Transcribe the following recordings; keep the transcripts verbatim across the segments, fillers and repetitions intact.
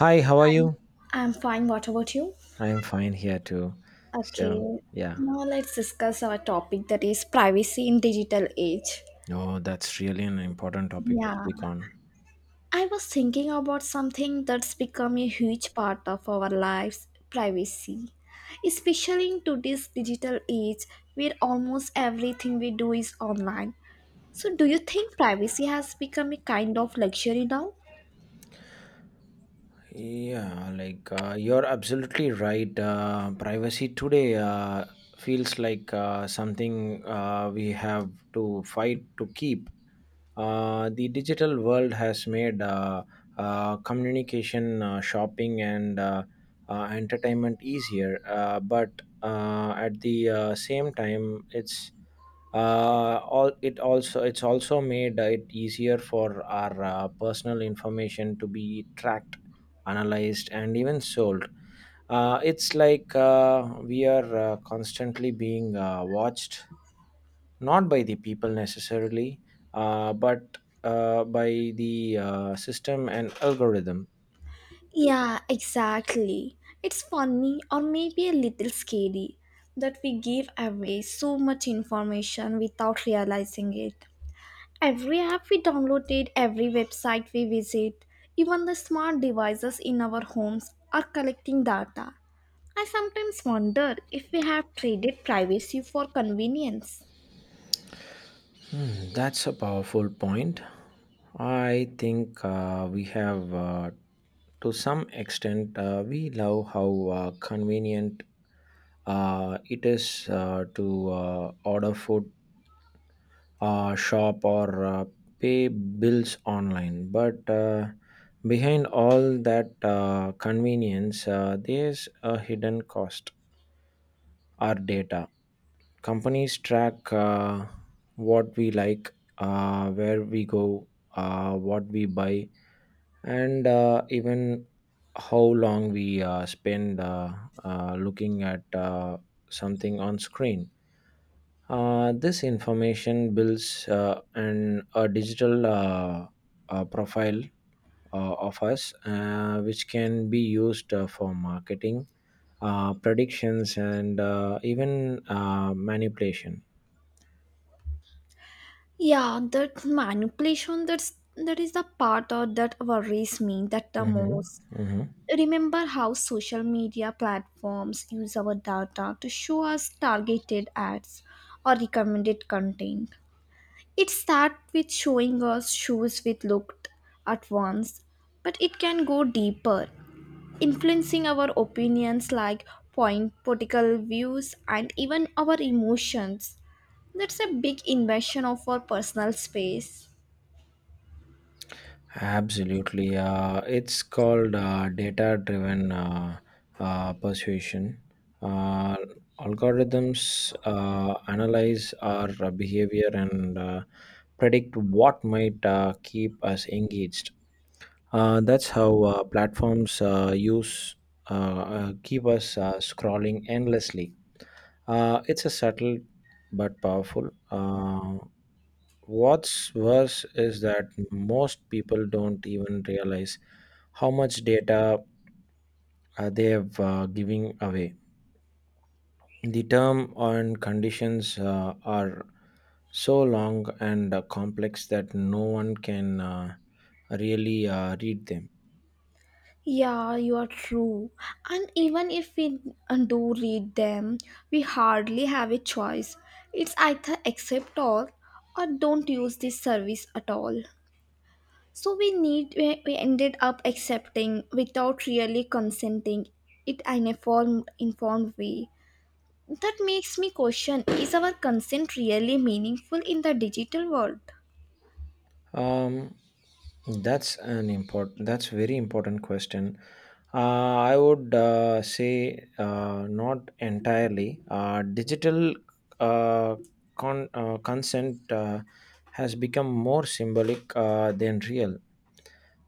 Hi, how are you? I'm fine. What about you? I am fine here too. Okay. So, yeah, Now let's discuss our topic that is privacy in digital age. Oh, that's really an important topic to Yeah. speak on. I was thinking about something that's become a huge part of our lives, privacy. Especially in today's digital age where almost everything we do is online. So do you think privacy has become a kind of luxury now? Yeah, like uh, you're absolutely right. Uh, privacy today uh, feels like uh, something uh, we have to fight to keep. Uh, the digital world has made uh, uh, communication, uh, shopping, and uh, uh, entertainment easier, uh, but uh, at the uh, same time, it's uh, all it also it's also made it easier for our uh, personal information to be tracked, analyzed, and even sold. Uh, it's like uh, we are uh, constantly being uh, watched, not by the people necessarily, uh, but uh, by the uh, system and algorithm. Yeah, exactly. It's funny or maybe a little scary that we give away so much information without realizing it. Every app we downloaded, every website we visit, even the smart devices in our homes are collecting data. I sometimes wonder if we have traded privacy for convenience. Hmm, that's a powerful point. I think uh, we have uh, to some extent uh, we love how uh, convenient uh, it is uh, to uh, order food, uh, shop, or uh, pay bills online. But uh, behind all that uh, convenience, uh, there's a hidden cost: our data. Companies track uh, what we like, uh, where we go, uh, what we buy, and uh, even how long we uh, spend uh, uh, looking at uh, something on screen. Uh, this information builds uh, an, a digital uh, uh, profile uh, of us, uh, which can be used uh, for marketing, uh, predictions, and uh, even uh, manipulation. Yeah, that manipulation that's that is the part of that worries me that the Mhm, most. mhm. Remember how social media platforms use our data to show us targeted ads or recommended content. It starts with showing us shoes we looked at once, but it can go deeper, influencing our opinions like point, political views, and even our emotions. That's a big invasion of our personal space. Absolutely. Uh, it's called uh, data driven uh, uh, persuasion. Uh, Algorithms uh, analyze our uh, behavior and uh, predict what might uh, keep us engaged. Uh, that's how uh, platforms uh, use uh, uh, keep us uh, scrolling endlessly. Uh, it's a subtle but powerful. Uh, what's worse is that most people don't even realize how much data uh, they have uh, giving away. The term and conditions uh, are so long and uh, complex that no one can uh, really uh, read them. Yeah, you are true. And even if we uh, do read them, we hardly have a choice. It's either accept all or don't use this service at all. So we need we we ended up accepting without really consenting it in a form, informed way. That makes me question, is our consent really meaningful in the digital world? Um, that's an important. That's very important question. Uh, I would uh, say uh, not entirely. Uh, digital uh, con- uh, consent uh, has become more symbolic uh, than real.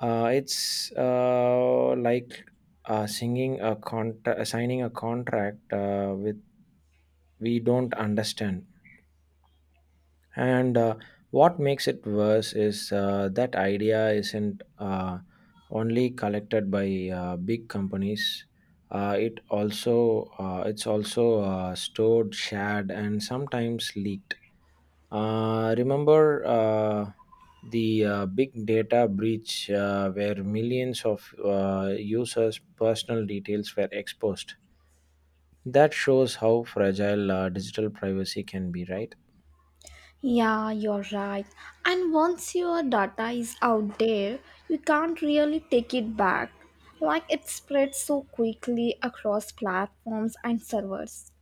Uh, it's uh, like uh, singing a contra- signing a contract uh, with we don't understand. And uh, what makes it worse is uh, that idea isn't uh, only collected by uh, big companies. Uh, it also uh, it's also uh, stored, shared, and sometimes leaked. Uh, remember uh, the uh, big data breach uh, where millions of uh, users' personal details were exposed. That shows how fragile uh, digital privacy can be, right? Yeah, you're right. And once your data is out there, you can't really take it back. Like it spreads so quickly across platforms and servers.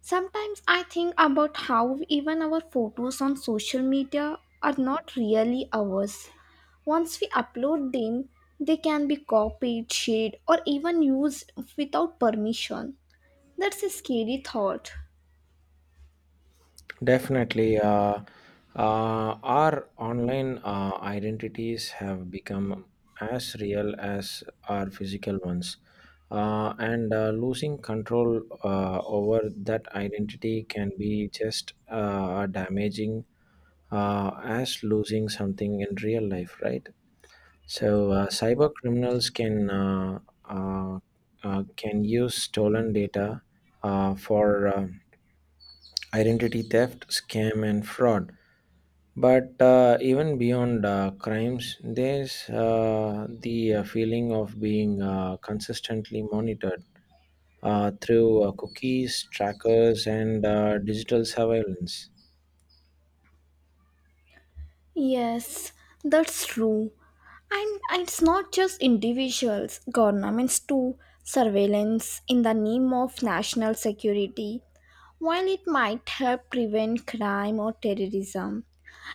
Sometimes I think about how even our photos on social media are not really ours. Once we upload them, they can be copied, shared, or even used without permission. That's a scary thought. Definitely. uh, uh, our online uh, identities have become as real as our physical ones, uh, and uh, losing control uh, over that identity can be just uh, damaging uh, as losing something in real life, right? So, uh, cyber criminals can uh, uh, uh, can use stolen data uh, for uh, identity theft, scam, and fraud, but uh, even beyond uh, crimes, there's uh, the uh, feeling of being uh, consistently monitored uh, through uh, cookies, trackers, and uh, digital surveillance. Yes, that's true. And it's not just individuals, governments too. Surveillance in the name of national security, while it might help prevent crime or terrorism,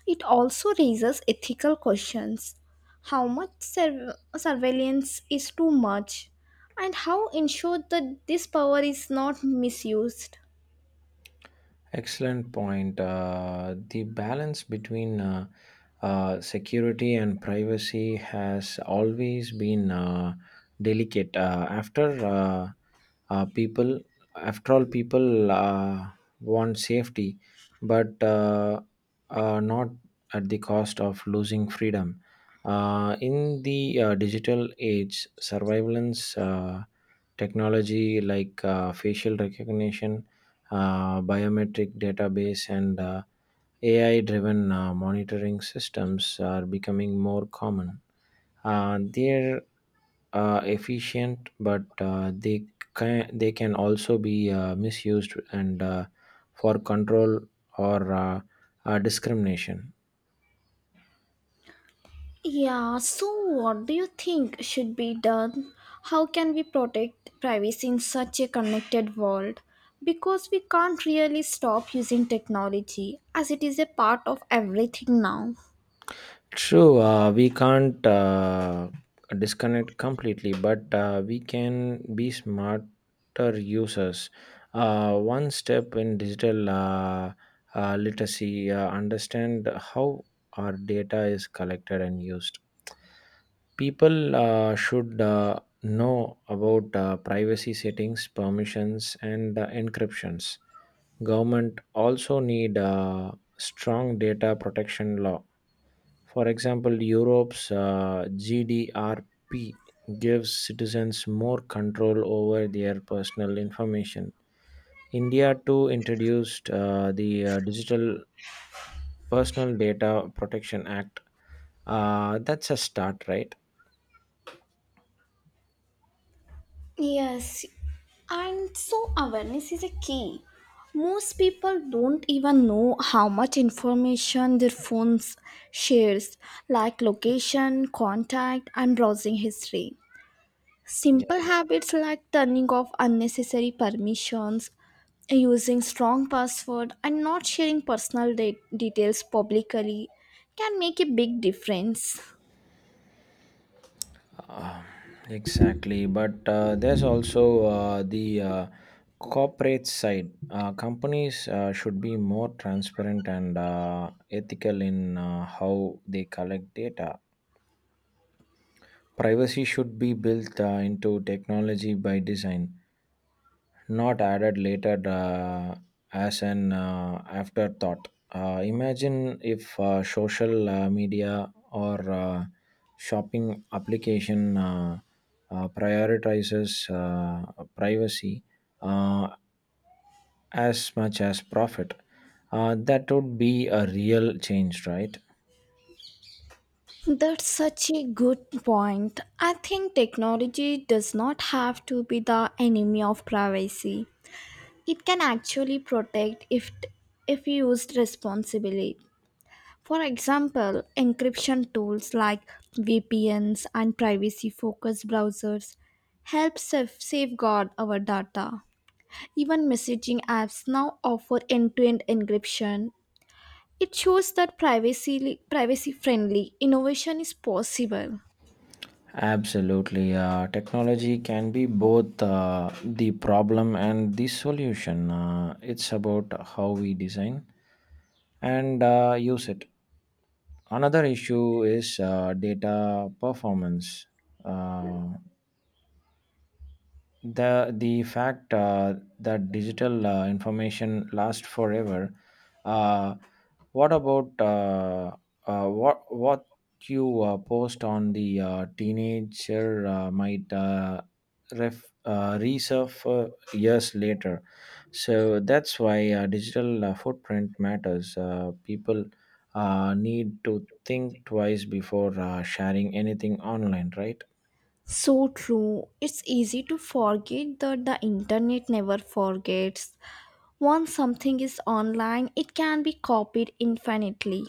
it also raises ethical questions. How much sur- surveillance is too much, and how ensure that this power is not misused? Excellent point. Uh, the balance between uh, uh, security and privacy has always been uh, delicate. Uh, after uh, uh, people, After all, people uh, want safety, but uh, uh, not at the cost of losing freedom. Uh, in the uh, digital age, surveillance uh, technology like uh, facial recognition, uh, biometric database, and uh, A I driven uh, monitoring systems are becoming more common. Uh, they're uh, efficient, but uh, they, can, they can also be uh, misused and uh, for control or uh, uh, discrimination. Yeah, so what do you think should be done? How can we protect privacy in such a connected world? Because we can't really stop using technology as it is a part of everything now. True, uh, we can't uh, disconnect completely, but uh, we can be smarter users. Uh, one step in digital uh, uh, literacy, uh, understand how our data is collected and used. People uh, should uh, know about uh, privacy settings, permissions, and uh, encryptions. Government also need uh, strong data protection law, for example, Europe's uh, G D R P gives citizens more control over their personal information. India too introduced uh, the uh, Digital Personal Data Protection Act. Uh, that's a start, right? Yes, and so awareness is a key. Most people don't even know how much information their phones shares, like location, contact, and browsing history. Simple Yeah. habits like turning off unnecessary permissions, using strong password and not sharing personal de- details publicly can make a big difference. Uh, exactly. But uh, there's also uh, the uh, corporate side. Uh, companies uh, should be more transparent and uh, ethical in uh, how they collect data. Privacy should be built uh, into technology by design, not added later uh, as an uh, afterthought. Uh, imagine if uh, social uh, media or uh, shopping application uh, uh, prioritizes uh, privacy uh, as much as profit. Uh, that would be a real change, right? That's such a good point. I think technology does not have to be the enemy of privacy. It can actually protect if if used responsibly. For example, encryption tools like V P Ns and privacy focused browsers help saf- safeguard our data. Even messaging apps now offer end to end encryption. It shows that privacy privacy friendly innovation is possible. Absolutely. Uh, technology can be both uh, the problem and the solution. Uh, it's about how we design and uh, use it. Another issue is uh, data performance. Uh, the the fact uh, that digital uh, information lasts forever. uh, what about uh, uh, what what you uh, post on the uh, teenager uh, might uh, ref, uh, reserve uh, years later. So that's why uh, digital uh, footprint matters. Uh, people uh, need to think twice before uh, sharing anything online, right? So true. It's easy to forget that the internet never forgets. Once something is online, it can be copied infinitely.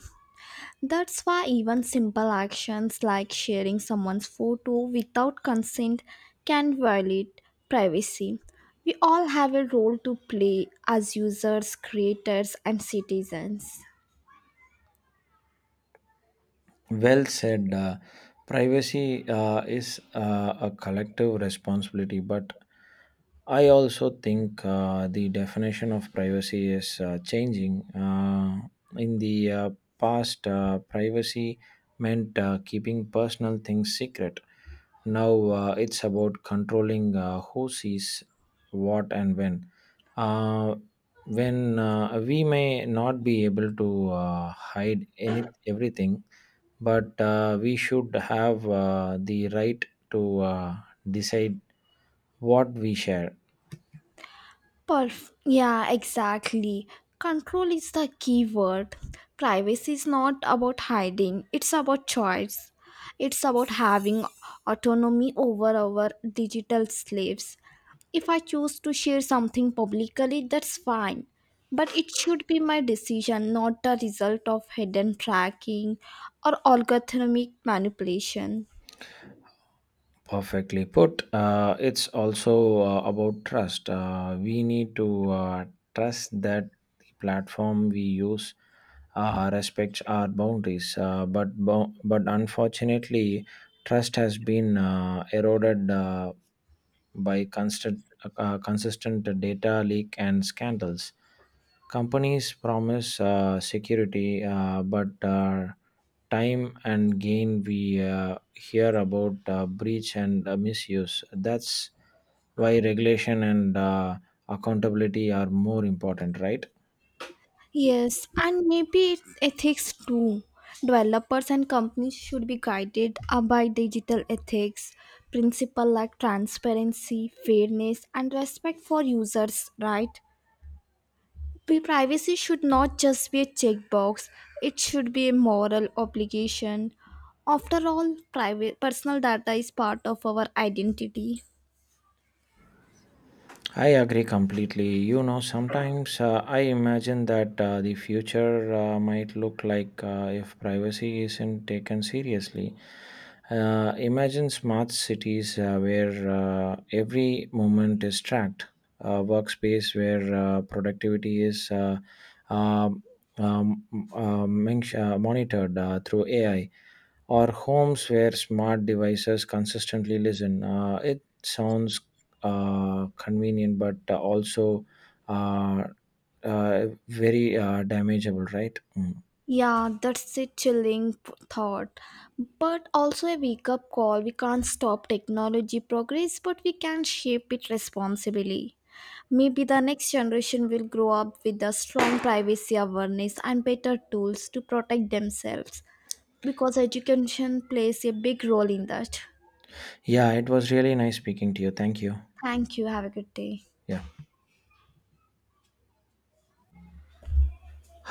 That's why even simple actions like sharing someone's photo without consent can violate privacy. We all have a role to play as users, creators, and citizens. Well said. Uh, privacy uh, is uh, a collective responsibility, but I also think uh, the definition of privacy is uh, changing. Uh, in the uh, past, uh, privacy meant uh, keeping personal things secret. Now uh, it's about controlling uh, who sees what and when. Uh, when uh, we may not be able to uh, hide any everything, but uh, we should have uh, the right to uh, decide what we share. Perf- yeah, exactly. Control is the key word. Privacy is not about hiding, it's about choice. It's about having autonomy over our digital slaves. If I choose to share something publicly, that's fine. But it should be my decision, not the result of hidden tracking or algorithmic manipulation. Perfectly put. Uh, it's also uh, about trust. Uh, we need to uh, trust that the platform we use uh, respects our boundaries. Uh, but bo- but unfortunately, trust has been uh, eroded uh, by constant uh, consistent data leak and scandals. Companies promise uh, security, uh, but uh, time and again we uh, hear about uh, breach and uh, misuse. That's why regulation and uh, accountability are more important, right? Yes, and maybe ethics too. Developers and companies should be guided uh, by digital ethics, principle like transparency, fairness, and respect for users, right? Pri- Privacy should not just be a checkbox, it should be a moral obligation. After all, private personal data is part of our identity. I agree completely. You know, sometimes uh, I imagine that uh, the future uh, might look like uh, if privacy isn't taken seriously. Uh, imagine smart cities uh, where uh, every moment is tracked, a workspace where uh, productivity is uh, um, um, um, mench- uh, monitored uh, through A I, or homes where smart devices consistently listen. Uh, it sounds uh, convenient, but uh, also uh, uh, very uh, damageable, right? Mm. Yeah, that's a chilling p- thought, but also a wake up call. We can't stop technology progress, but we can shape it responsibly. Maybe the next generation will grow up with a strong privacy awareness and better tools to protect themselves because education plays a big role in that. Yeah, it was really nice speaking to you. Thank you. Thank you. Have a good day. Yeah.